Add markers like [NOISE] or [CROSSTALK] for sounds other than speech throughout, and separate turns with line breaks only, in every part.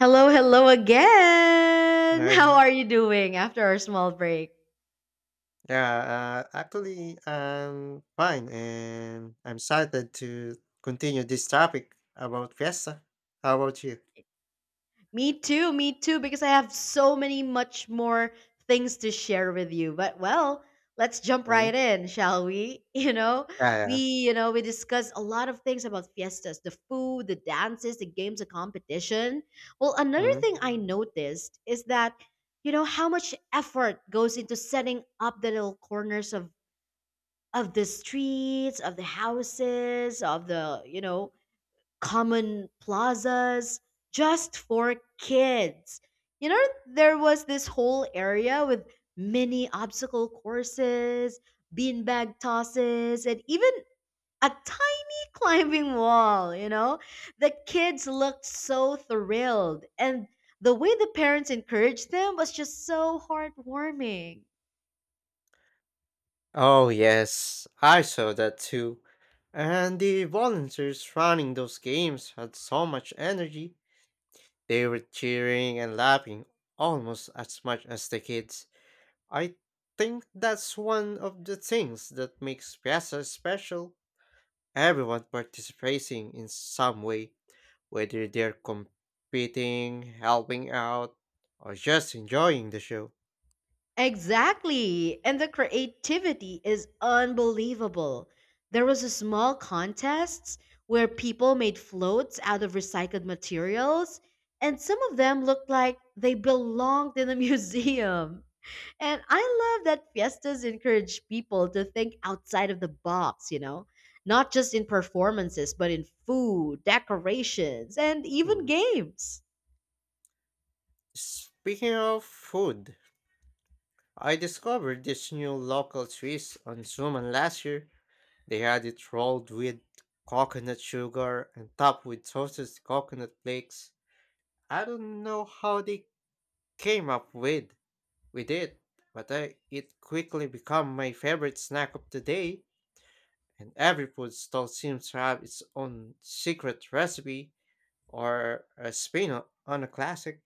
Hello, hello again. [LAUGHS] How
Right.
are you doing after our small break?
Yeah, actually, I'm fine and I'm excited to continue this topic about Fiesta. How about you?
Me too, because I have so many much more things to share with you. But well, let's jump right
Mhm.
in, shall we? [LAUGHS]
Yeah,
We,
yeah.
we discussed a lot of things about fiestas, the food, the dances, the games, the competition. Well, another
Mm.
thing I noticed is that you know how much effort goes into setting up the little corners of the streets, of the houses, of the, you know, common plazas just for kids. You know, there was this whole area with mini obstacle courses, beanbag tosses, and even a tiny [LAUGHS] climbing wall, you know? The kids looked so thrilled and the way the parents encouraged them was just so heartwarming.
Oh, yes, I saw that too. And the volunteers running those games had so much energy. They were cheering and laughing almost as much as the kids. I think that's one of the things that makes Fiesta special. Everyone participating in some way, whether they're competing, helping out, or just enjoying the show.
Exactly. And the creativity is unbelievable. There was a small contest where people made floats out of recycled materials, and some of them looked like they belonged in a [LAUGHS] museum. And I love that fiestas encourage people to think outside of the box, you know, not just in performances, but in food, decorations, and even
Mm.
games.
Speaking of food, I discovered this new local twist on Suman last year. They had it rolled with coconut sugar and topped with toasted coconut flakes. I don't know how they came up with it, but I, it quickly became my favorite snack of the day. And every food stall seems to have its own secret recipe or a spin on a classic.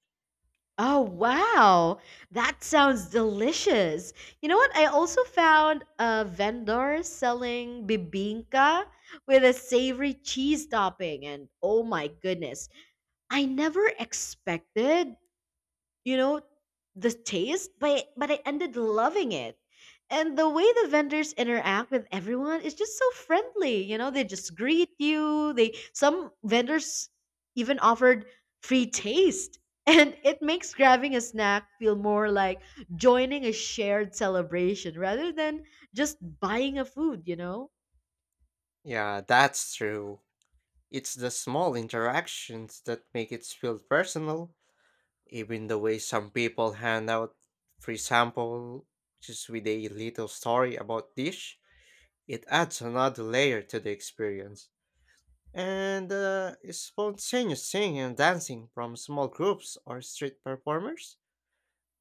Oh, wow. That sounds delicious. You know what? I also found a vendor selling bibinka with a savory cheese topping. And oh my goodness, I never expected you know the taste, but I ended loving it. And the way the vendors interact with everyone is just so friendly, you know, they just greet you, they, some vendors even offered free taste, [LAUGHS] and it makes grabbing a snack feel more like joining a shared celebration rather than just buying a food, you know.
Yeah, that's true. It's the small interactions that make it feel personal. Even the way some people hand out free sample just with a little story about dish, it adds another layer to the experience. And the spontaneous singing and dancing from small groups or street performers,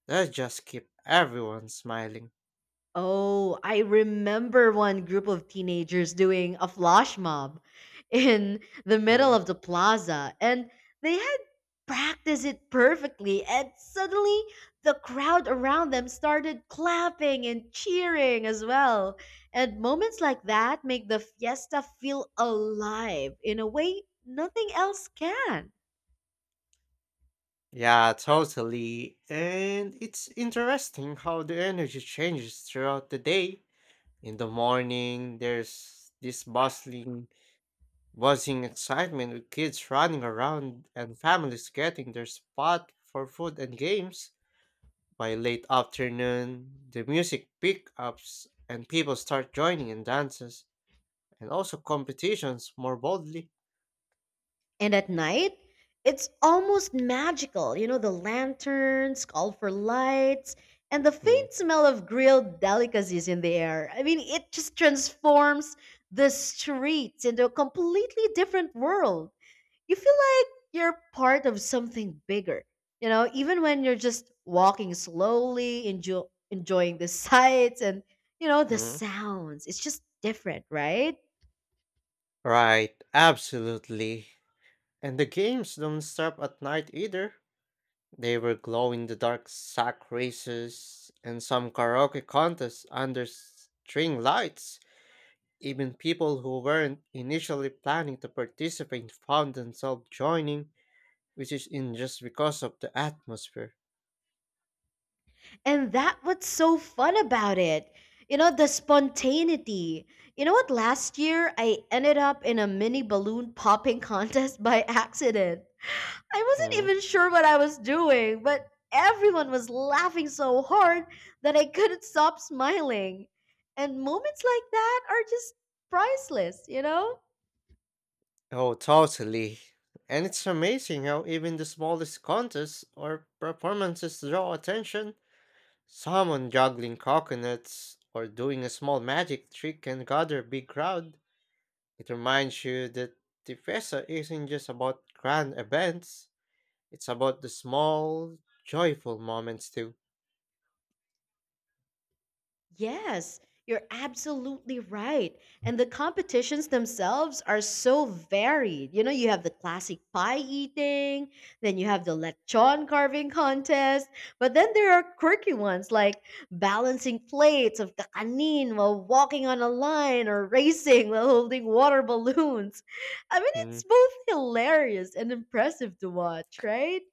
that just keep everyone smiling.
Oh, I remember one group of teenagers doing a flash mob [LAUGHS] in the middle
Mm.
of the plaza, and they had practiced it perfectly, and suddenly the crowd around them started clapping and cheering as well. And moments like that make the fiesta feel alive in a way nothing else can.
Yeah, totally. And it's interesting how the energy changes throughout the day. In the morning, there's this bustling buzzing excitement with kids running around and families getting their spot for food and games. By late afternoon, the music pickups and people start joining in dances and also competitions more boldly.
And at night, it's almost magical. You know, the lanterns, call for lights, and the
Mm,
faint smell of grilled delicacies in the air. I mean, it just transforms the streets into a completely different world. You feel like you're part of something bigger. You know, even when you're just walking slowly, enjoying the [LAUGHS] sights and, you know, the
mm.
sounds. It's just different, right?
Right, absolutely. And the games don't stop at night either. They were glow in the dark sack races and some karaoke contests under string lights. Even people who weren't initially planning to participate found themselves joining, which is in just because of the atmosphere.
And that what's so fun about it. You know, the spontaneity. You know what? Last year, I ended up in a mini balloon popping [LAUGHS] contest by accident. I wasn't
Mm.
even sure what I was doing, but everyone was laughing so hard that I couldn't stop smiling. And moments like that are just priceless, you know?
Oh, totally. And it's amazing how even the smallest contests or performances draw attention. Someone juggling coconuts or doing a small magic trick can gather a big crowd. It reminds you that the festa isn't just about grand events, it's about the small, joyful moments too.
Yes, you're absolutely right. And the competitions themselves are so varied. You know, you have the classic pie eating, then you have the lechon carving contest, but then there are quirky ones like balancing plates of kakanin while walking on a line or racing while holding water balloons. [LAUGHS] I mean, it's both hilarious and impressive to watch, right?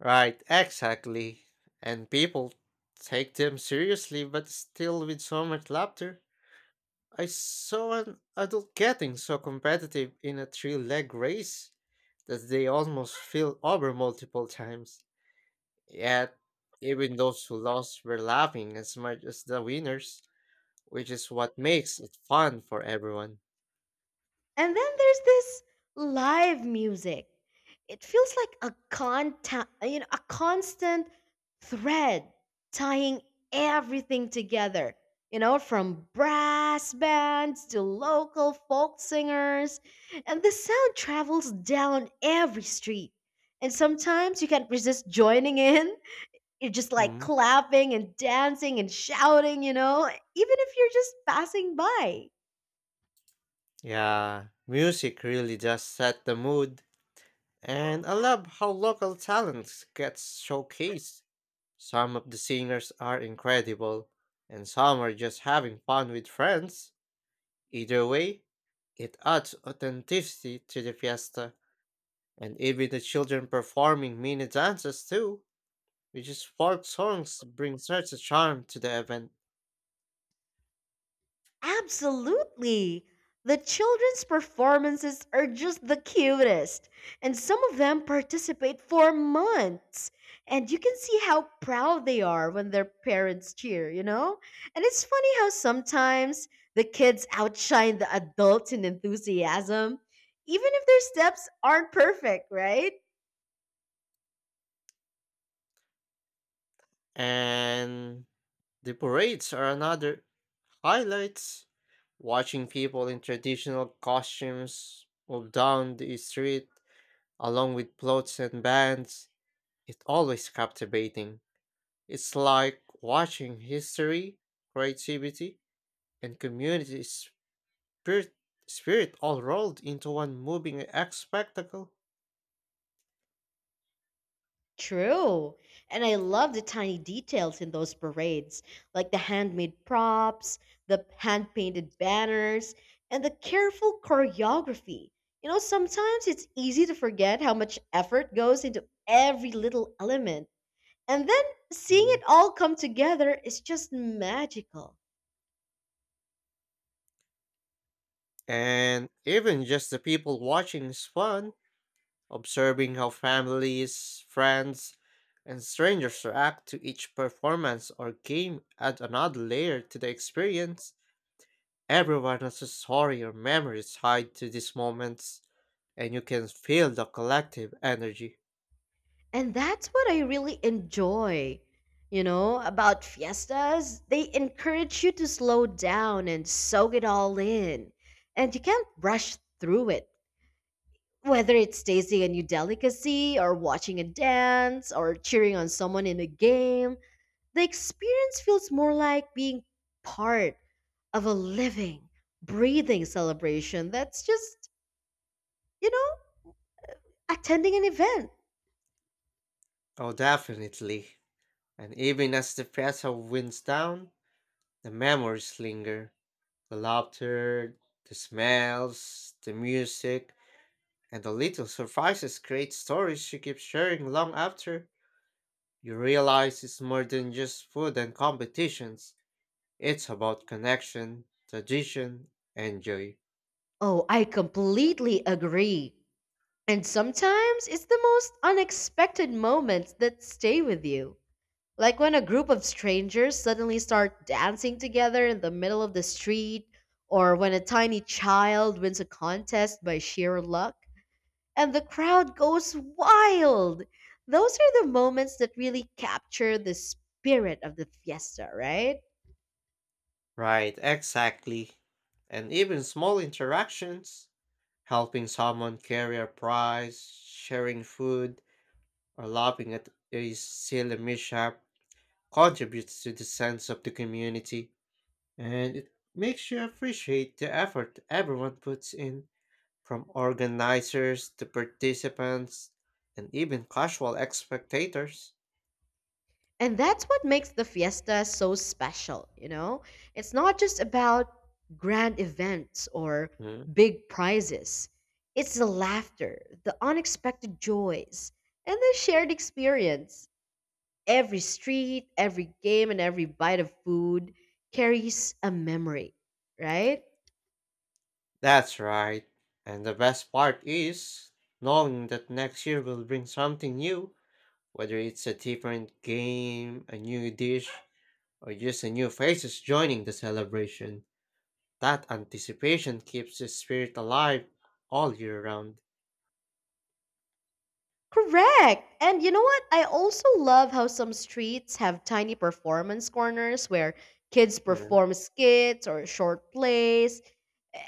Right, exactly. And people take them seriously, but still with so much laughter. I saw an adult getting so competitive in a three leg race that they almost fell over multiple times. Yet, even those who lost were laughing as much as the winners, which is what makes it fun for everyone.
And then there's this live music. It feels like a you know, a constant thread tying everything together. You know, from brass bands to local folk singers, and the sound travels down every street. And sometimes you can't resist joining in. You're just like
Mm.
clapping and dancing and shouting, you know, even if you're just passing by.
Yeah, music really does set the mood, and I love how local talents gets showcased. Some of the singers are incredible, and some are just having fun with friends. Either way, it adds authenticity to the fiesta, and even the children performing mini dances too, which is folk songs bring such a charm to the event.
Absolutely. The children's performances are just the cutest, and some of them participate for months. And you can see how proud they are when their parents cheer, you know? And it's funny how sometimes the kids outshine the adults in enthusiasm, even if their steps aren't perfect, right?
And the parades are another highlights. Watching people in traditional costumes move down the street along with floats and bands, it's always captivating. It's like watching history, creativity, and community spirit, spirit all rolled into one moving act spectacle.
True. And I love the tiny details in those parades, like the handmade props, the hand painted banners, and the careful choreography. You know, sometimes it's easy to forget how much effort goes into every little element. And then seeing it
Mm.
all come together is just magical.
And even just the people watching is fun, observing how families, friends, and strangers react to each performance or game add another layer to the experience. Everyone has a story or memories tied to these moments, and you can feel the collective energy.
And that's what I really enjoy, you know, about fiestas. They encourage you to slow down and soak it all in. And you can't rush through it, whether it's tasting a new delicacy, or watching a dance, or cheering on someone in a game. The experience feels more like being part of a living, breathing celebration that's just, you know, attending an event.
Oh, definitely. And even as the vessel winds down, the memories linger. The laughter, the smells, the music, and the little surprises create stories you keep sharing long after. You realize it's more than just food and competitions. It's about connection, tradition, and joy.
Oh, I completely agree. And sometimes it's the most unexpected moments that stay with you. Like when a group of strangers suddenly start dancing together in the middle of the street, or when a tiny child wins a contest by sheer luck, and the crowd goes wild. Those are the moments that really capture the spirit of the fiesta, right?
Right, exactly. And even small interactions, helping someone carry a prize, sharing food, or laughing at a silly mishap contributes to the sense of the community and it makes you appreciate the effort everyone puts in from organizers to participants and even casual spectators.
And that's what makes the fiesta so special, you know? It's not just about grand events or
Mm.
big prizes. It's the laughter, the unexpected joys, and the shared experience. Every street, every game, and every bite of food carries a memory, right?
That's right. And the best part is knowing that next year will bring something new, whether it's a different game, a new dish, or just a new faces joining the celebration. That anticipation keeps the spirit alive all year round.
Correct. And you know what? I also love how some streets have tiny performance corners where kids
Mm,
perform skits or short plays.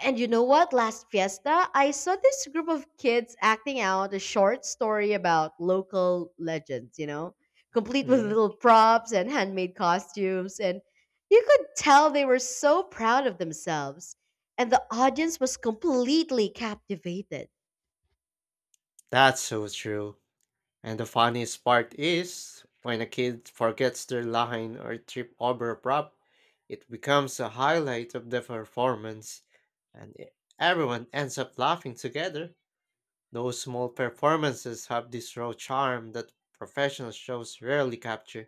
And you know what? Last fiesta, I saw this group of kids acting out a short story about local legends, you know, complete with
mm.
little props and handmade costumes. And you could tell they were so proud of themselves. And the audience was completely captivated.
That's so true. And the funniest part is when a kid forgets their line or trip over a prop, it becomes a highlight of the performance, and everyone ends up laughing together. Those small performances have this raw charm that professional shows rarely capture.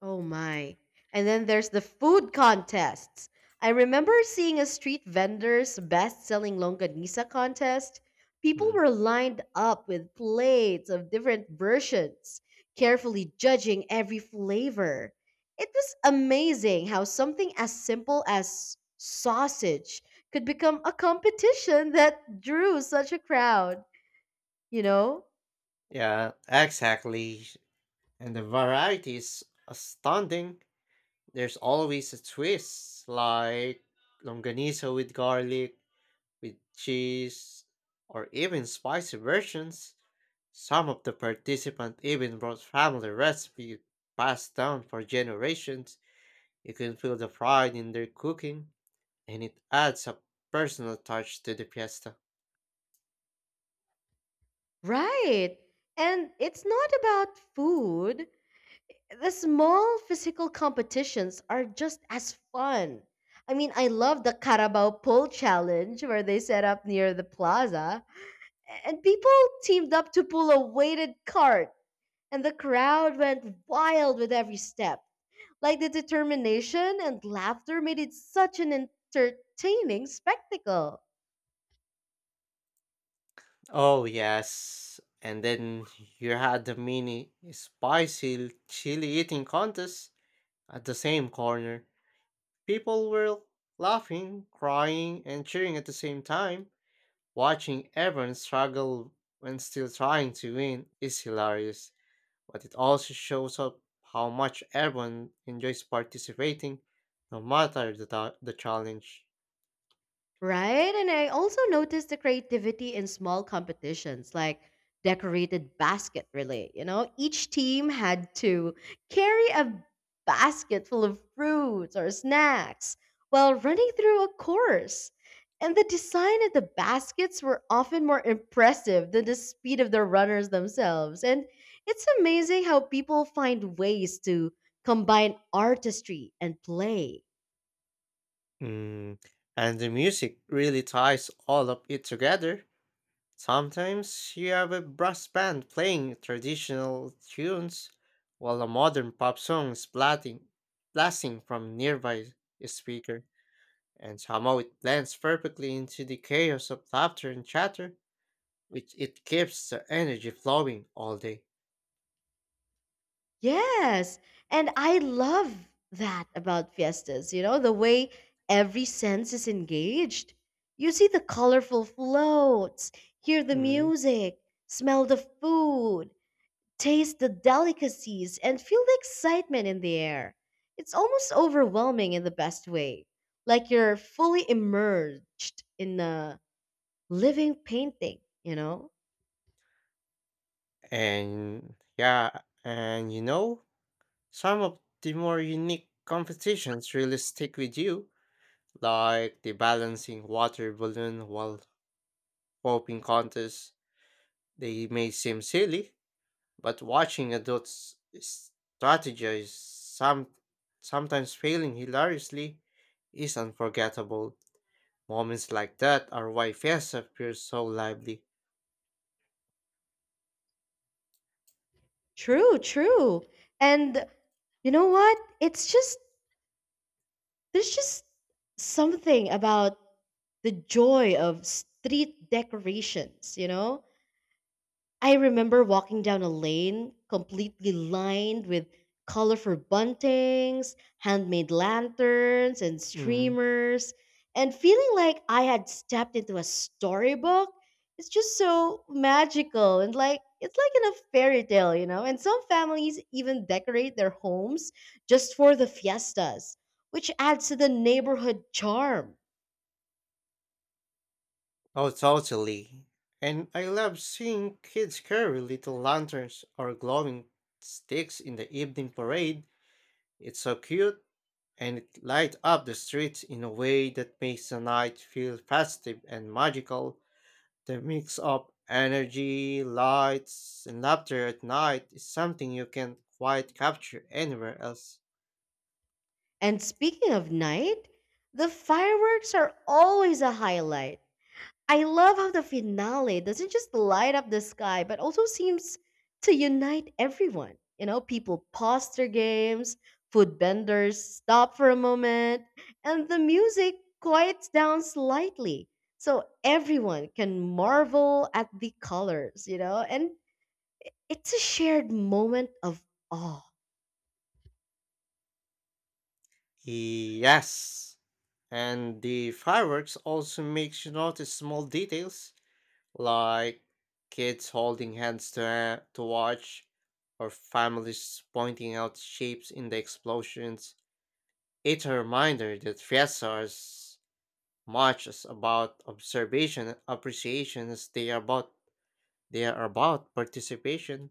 Oh my. And then there's the food contests. I remember seeing a street vendor's best-selling longanisa contest. People
Mm.
were lined up with plates of different versions, carefully judging every flavor. It was amazing how something as simple as sausage could become a competition [LAUGHS] that drew such a crowd, you know?
Yeah, exactly. And the variety is astounding. There's always a twist, like longaniza with garlic, with cheese, or even spicy versions. Some of the participants even brought family recipes passed down for generations. You can feel the pride in their cooking, and it adds a personal touch to the fiesta.
Right. And it's not about food. The small physical competitions are just as fun. I mean, I love the Carabao Pole Challenge where they set up near the plaza and people teamed up to pull a weighted cart and the crowd went wild with every step. Like the determination and laughter made it such an entertaining spectacle.
Oh, yes. And then [LAUGHS] you had the mini spicy chili eating contest at the same corner. People were laughing, crying, and cheering at the same time. Watching everyone struggle when still trying to win is hilarious, but it also shows up how much everyone enjoys participating, no matter the challenge.
Right? And I also noticed the creativity in small competitions like decorated basket relay. You know, each team had to carry a basket full of fruits or snacks while running through a course. And the design of the baskets were often more impressive than the speed of the runners themselves. And it's amazing how people find ways to combine artistry and play.
Mm. And the music really ties all of it together. Sometimes you have a brass band playing traditional tunes while a modern pop song is blasting from nearby speaker, and somehow it blends perfectly into the chaos of laughter and chatter, which it keeps the energy flowing all day.
Yes. And I love that about fiestas, you know, the way every sense is engaged. You see the colorful floats, hear the
Mhm.
music, smell the food, taste the delicacies, and feel the excitement in the air. It's almost overwhelming in the best way, like you're fully immersed in a living painting, you know?
And yeah, and you know, some of the more unique competitions really stick with you, like the balancing water balloon while popping contests. They may seem silly, but watching adults strategize sometimes failing hilariously is unforgettable. Moments like that are why Fiesta feels so lively.
True, true. And you know what? It's just There's just something about the joy of street decorations, you know? I remember walking down a lane completely lined with colorful buntings, handmade lanterns, and
Mm-hmm.
streamers, and feeling like I had stepped into a storybook. It's just so magical and like it's like in a fairy tale, you know. And some families even decorate their homes just for the fiestas, which adds to the neighborhood charm.
Oh, totally. And I love seeing kids carry little lanterns or glowing sticks in the evening parade. It's so cute and it lights up the streets in a way that makes the night feel festive and magical. The mix of energy, lights, and laughter at night is something you can't quite capture anywhere else.
And speaking of night, the fireworks are always a highlight. I love how the finale doesn't just light up the sky, but also seems to unite everyone. You know, people pause their games, food vendors stop for a moment, and the music quiets down slightly. So everyone can marvel at the colors, you know, and it's a shared moment of awe.
Yes. And the fireworks also makes you notice small details like kids holding hands to watch, or families pointing out shapes in the explosions. It's a reminder that fiestas are as much as about observation and appreciation as they are about participation.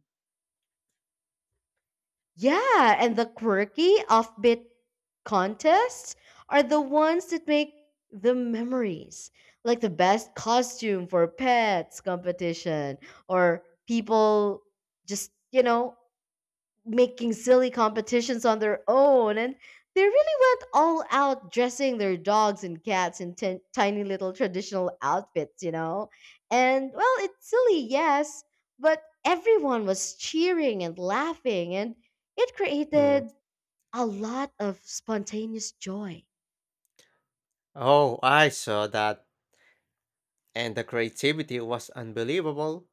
Yeah, and the quirky offbeat contests are the ones that make the memories, like the best costume for pets competition or people just, you know, making silly competitions on their own and they really went all out dressing their dogs and cats in tin tiny little traditional outfits, you know? And well, it's silly, yes, but everyone was cheering and laughing, and it
Mm.
created a lot of spontaneous joy.
Oh, I saw that, and the creativity was unbelievable.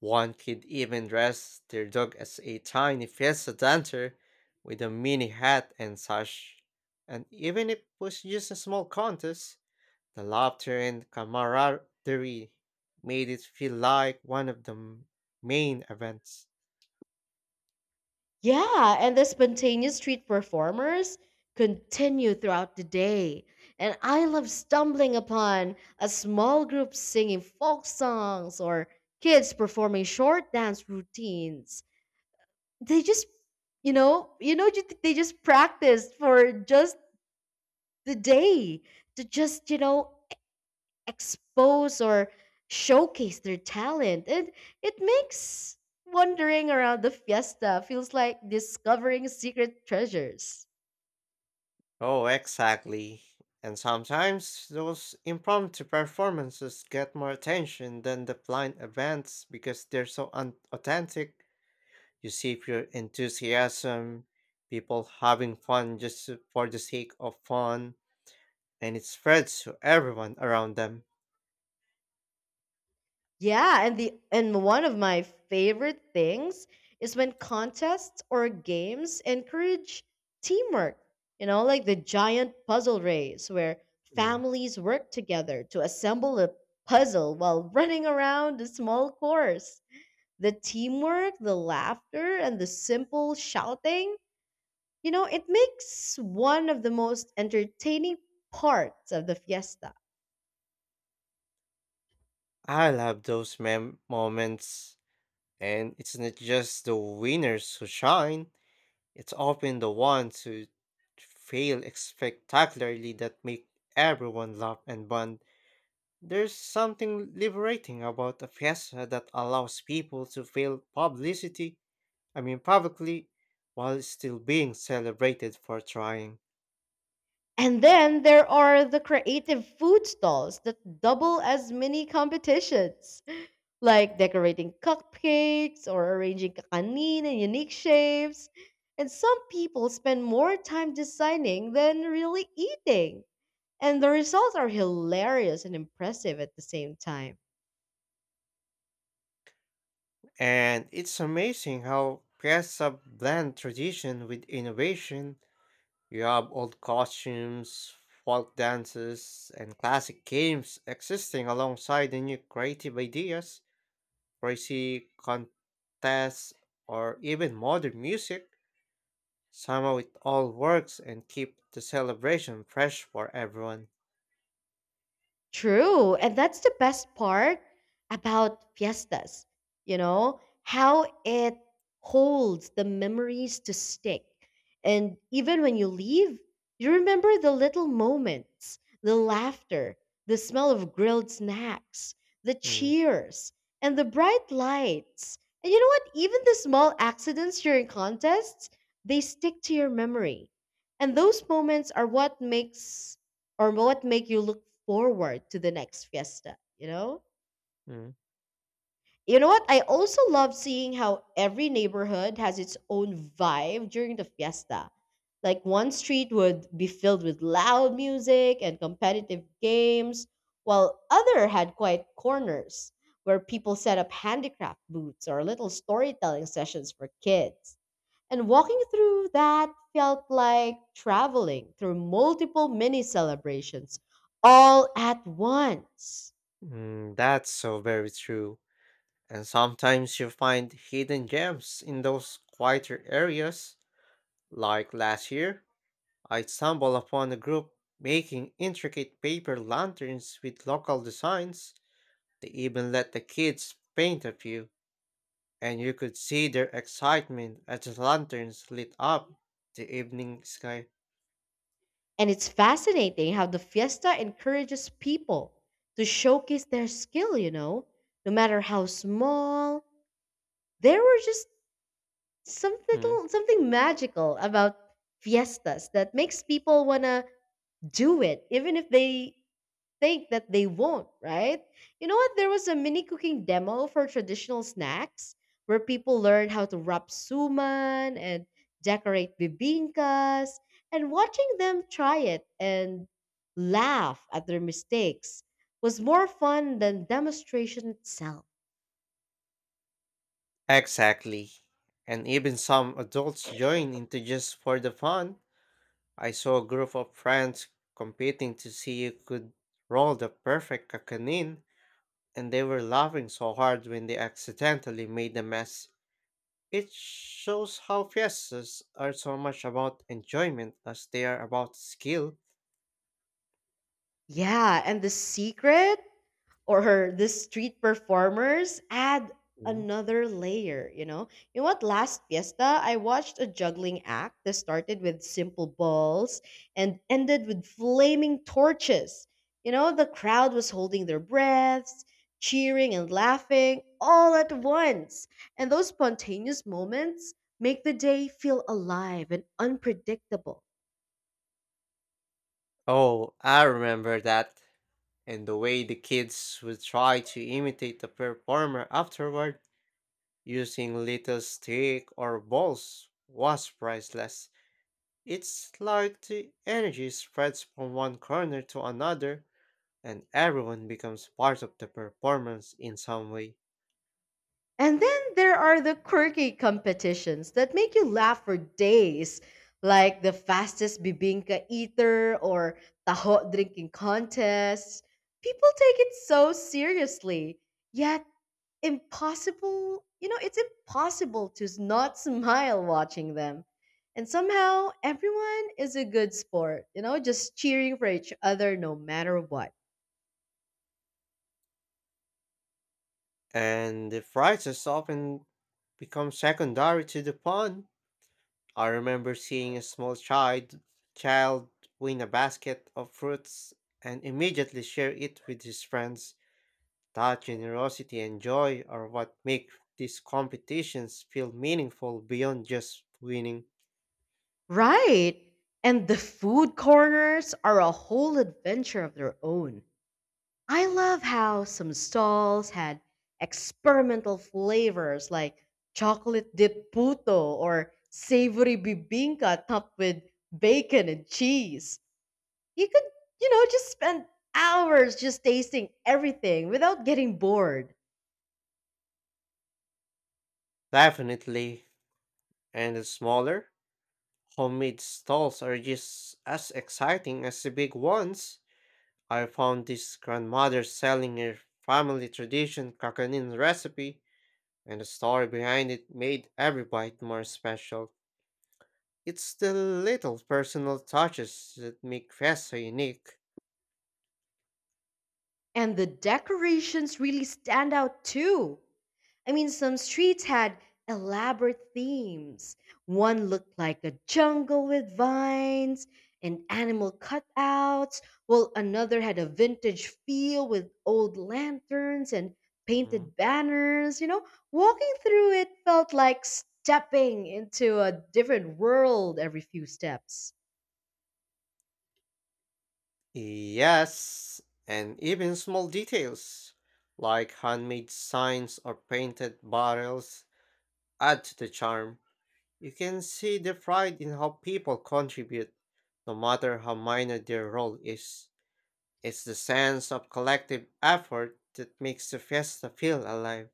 One kid even dressed their dog as a tiny fiesta dancer with a mini hat and sash. And even if it was just a small contest, the laughter and camaraderie made it feel like one of the main events.
Yeah, and the spontaneous street performers continue throughout the day. And I love stumbling upon a small group singing folk songs or kids performing short dance routines. They just, you know, ju- They just practiced for just the day to just, you know, expose or showcase their talent. And it makes wandering around the fiesta feels like discovering secret treasures.
Oh, exactly. And sometimes those impromptu performances get more attention than the blind events because they're so unauthentic. You see pure enthusiasm, people having fun just for the sake of fun, and it spreads to everyone around them.
Yeah, and one of my favorite things is when contests or games encourage teamwork. You know, like the giant puzzle race where
Mm.
families work together to assemble a puzzle while running around a small course. The teamwork, the laughter, and the simple shouting, you know, it makes one of the most entertaining parts of the fiesta.
I love those moments, and it's not just the winners who shine. It's often the ones who fail spectacularly that make everyone laugh and bond. There's something liberating about a fiesta that allows people to fail publicity, I mean publicly, while still being celebrated for trying.
And then there are the creative food stalls that double as mini competitions, [LAUGHS] like decorating cupcakes or arranging kakanin in unique shapes. And some people spend more time designing than really eating. And the results are hilarious and impressive at the same time.
And it's amazing how fiesta blend tradition with innovation. You have old costumes, folk dances, and classic games existing alongside the new creative ideas. Crazy contests, or even modern music, somehow it all works and keep the celebration fresh for everyone.
True. And that's the best part about fiestas, you know, how it holds the memories to stick. And even when you leave, you remember the little moments, the laughter, the smell of grilled snacks, the
Mm,
cheers, and the bright lights. And you know what? Even the small accidents during contests, they stick to your memory. And those moments are what makes or what make you look forward to the next fiesta, you know?
mm,
You know what? I also love seeing how every neighborhood has its own vibe during the fiesta. Like one street would be filled with loud music and competitive games, while other had quiet corners where people set up handicraft booths or little storytelling sessions for kids. And walking through that felt like traveling through multiple mini celebrations all at once.
that's so very true. And sometimes you find hidden gems in those quieter areas, like last year. I stumbled upon a group making intricate paper lanterns with local designs. They even let the kids paint a few, and you could see their excitement as the lanterns lit up the evening sky.
And it's fascinating how the fiesta encourages people to showcase their skill, you know, no matter how small. There were just some
Mm.
little something magical about fiestas that makes people want to do it even if they think that they won't, right? You know what? There was a mini cooking demo for traditional snacks where people learned how to wrap suman and decorate bibinkas, and watching them try it and laugh at their mistakes was more fun than demonstration itself.
Exactly. And even some adults joined into just for the fun. I saw a group of friends competing to see who could roll the perfect kakanin, and they were laughing so hard when they accidentally made a mess. It shows how fiestas are so much about enjoyment as they are about skill.
Yeah, and the secret? Or the street performers add
Mhm.
another layer, you know? You know what? Last fiesta, I watched a juggling act that started with simple balls and ended with flaming torches. You know, the crowd was holding their breaths, cheering and laughing all at once. And those spontaneous moments make the day feel alive and unpredictable.
Oh, I remember that. And the way the kids would try to imitate the performer afterward using little stick or balls was priceless. It's like the energy spreads from one corner to another and everyone becomes part of the performance in some way.
And then there are the quirky competitions that make you laugh for days, like the fastest bibingka eater or taho drinking contests. People take it so seriously, yet impossible, you know, it's impossible to not smile watching them. And somehow everyone is a good sport, you know, just cheering for each other no matter what.
And the prizes often become secondary to the fun. I remember seeing a small child win a basket of fruits and immediately share it with his friends. That generosity and joy are what make these competitions feel meaningful beyond just winning.
Right. And the food corners are a whole adventure of their own. I love how some stalls had experimental flavors like chocolate dip puto or savory bibinka topped with bacon and cheese. You could, you know, just spend hours just tasting everything without getting bored.
Definitely. And the smaller, homemade stalls are just as exciting as the big ones. I found this grandmother selling her family tradition kakanin recipe, and the story behind it made every bite more special. It's the little personal touches that make fest so unique.
And the decorations really stand out too. I mean, some streets had elaborate themes. One looked like a jungle with vines and animal cutouts, while another had a vintage feel with old lanterns and
Mm.
painted banners. You know, walking through it felt like stepping into a different world every few steps.
Yes, and even small details like handmade signs or painted bottles add to the charm. You can see the pride in how people contribute, no matter how minor their role is. It's the sense of collective effort that makes the fiesta feel alive.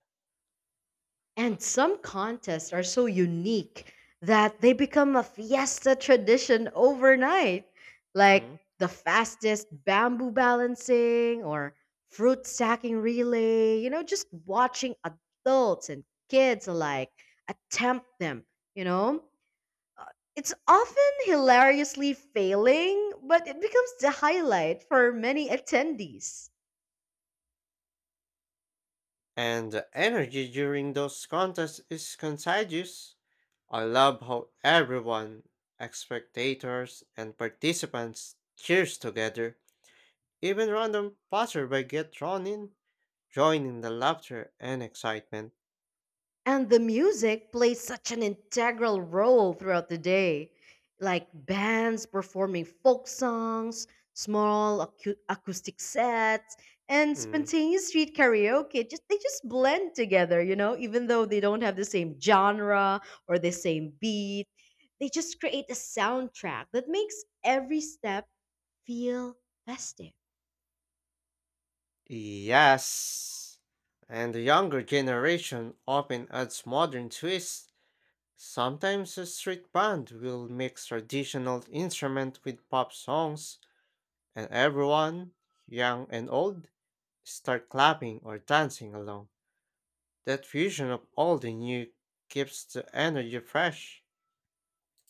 And some contests are so unique that they become a fiesta tradition overnight, like
Mm.
the fastest bamboo balancing or fruit stacking relay. You know, just watching adults and kids alike attempt them, you know? Uh, it's often hilariously failing, but it becomes the highlight for many attendees.
And the energy during those contests is contagious. I love how everyone, spectators and participants, cheers together. Even random passerby get drawn in, joining the laughter and excitement.
And the music plays such an integral role throughout the day, like bands performing folk songs, small acoustic sets, and
Mm.
spontaneous street karaoke. Just they just blend together, you know, even though they don't have the same genre or the same beat. They just create a soundtrack that makes every step feel festive.
Yes. And the younger generation often adds modern twists. Sometimes a street band will mix traditional instrument with pop songs, and everyone, young and old, start clapping or dancing along. That fusion of old and new keeps the energy fresh.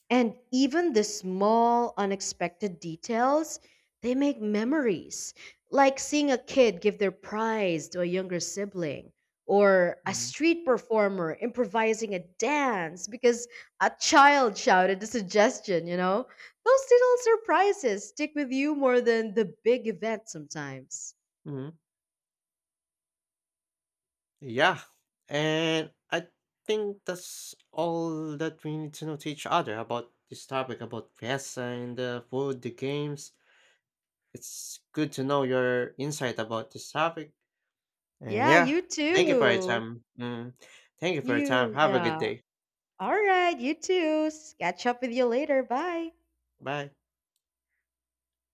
And even the small, unexpected details, they make memories. Like seeing a kid give their prize to a younger sibling, or a
Mm.
street performer improvising a dance because a child shouted a suggestion, you know? Those little surprises stick with you more than the big event sometimes.
Mhm. Yeah, and I think that's all that we need to know to each other about this topic about fiesta and the food, the games. It's good to know your insight about this topic. And
Yeah,
yeah,
you
thank you for your
too.
time. Mm, thank you for your time.
You,
Have a good
yeah.
day.
All right, you too. Catch up with you later. Bye.
Bye.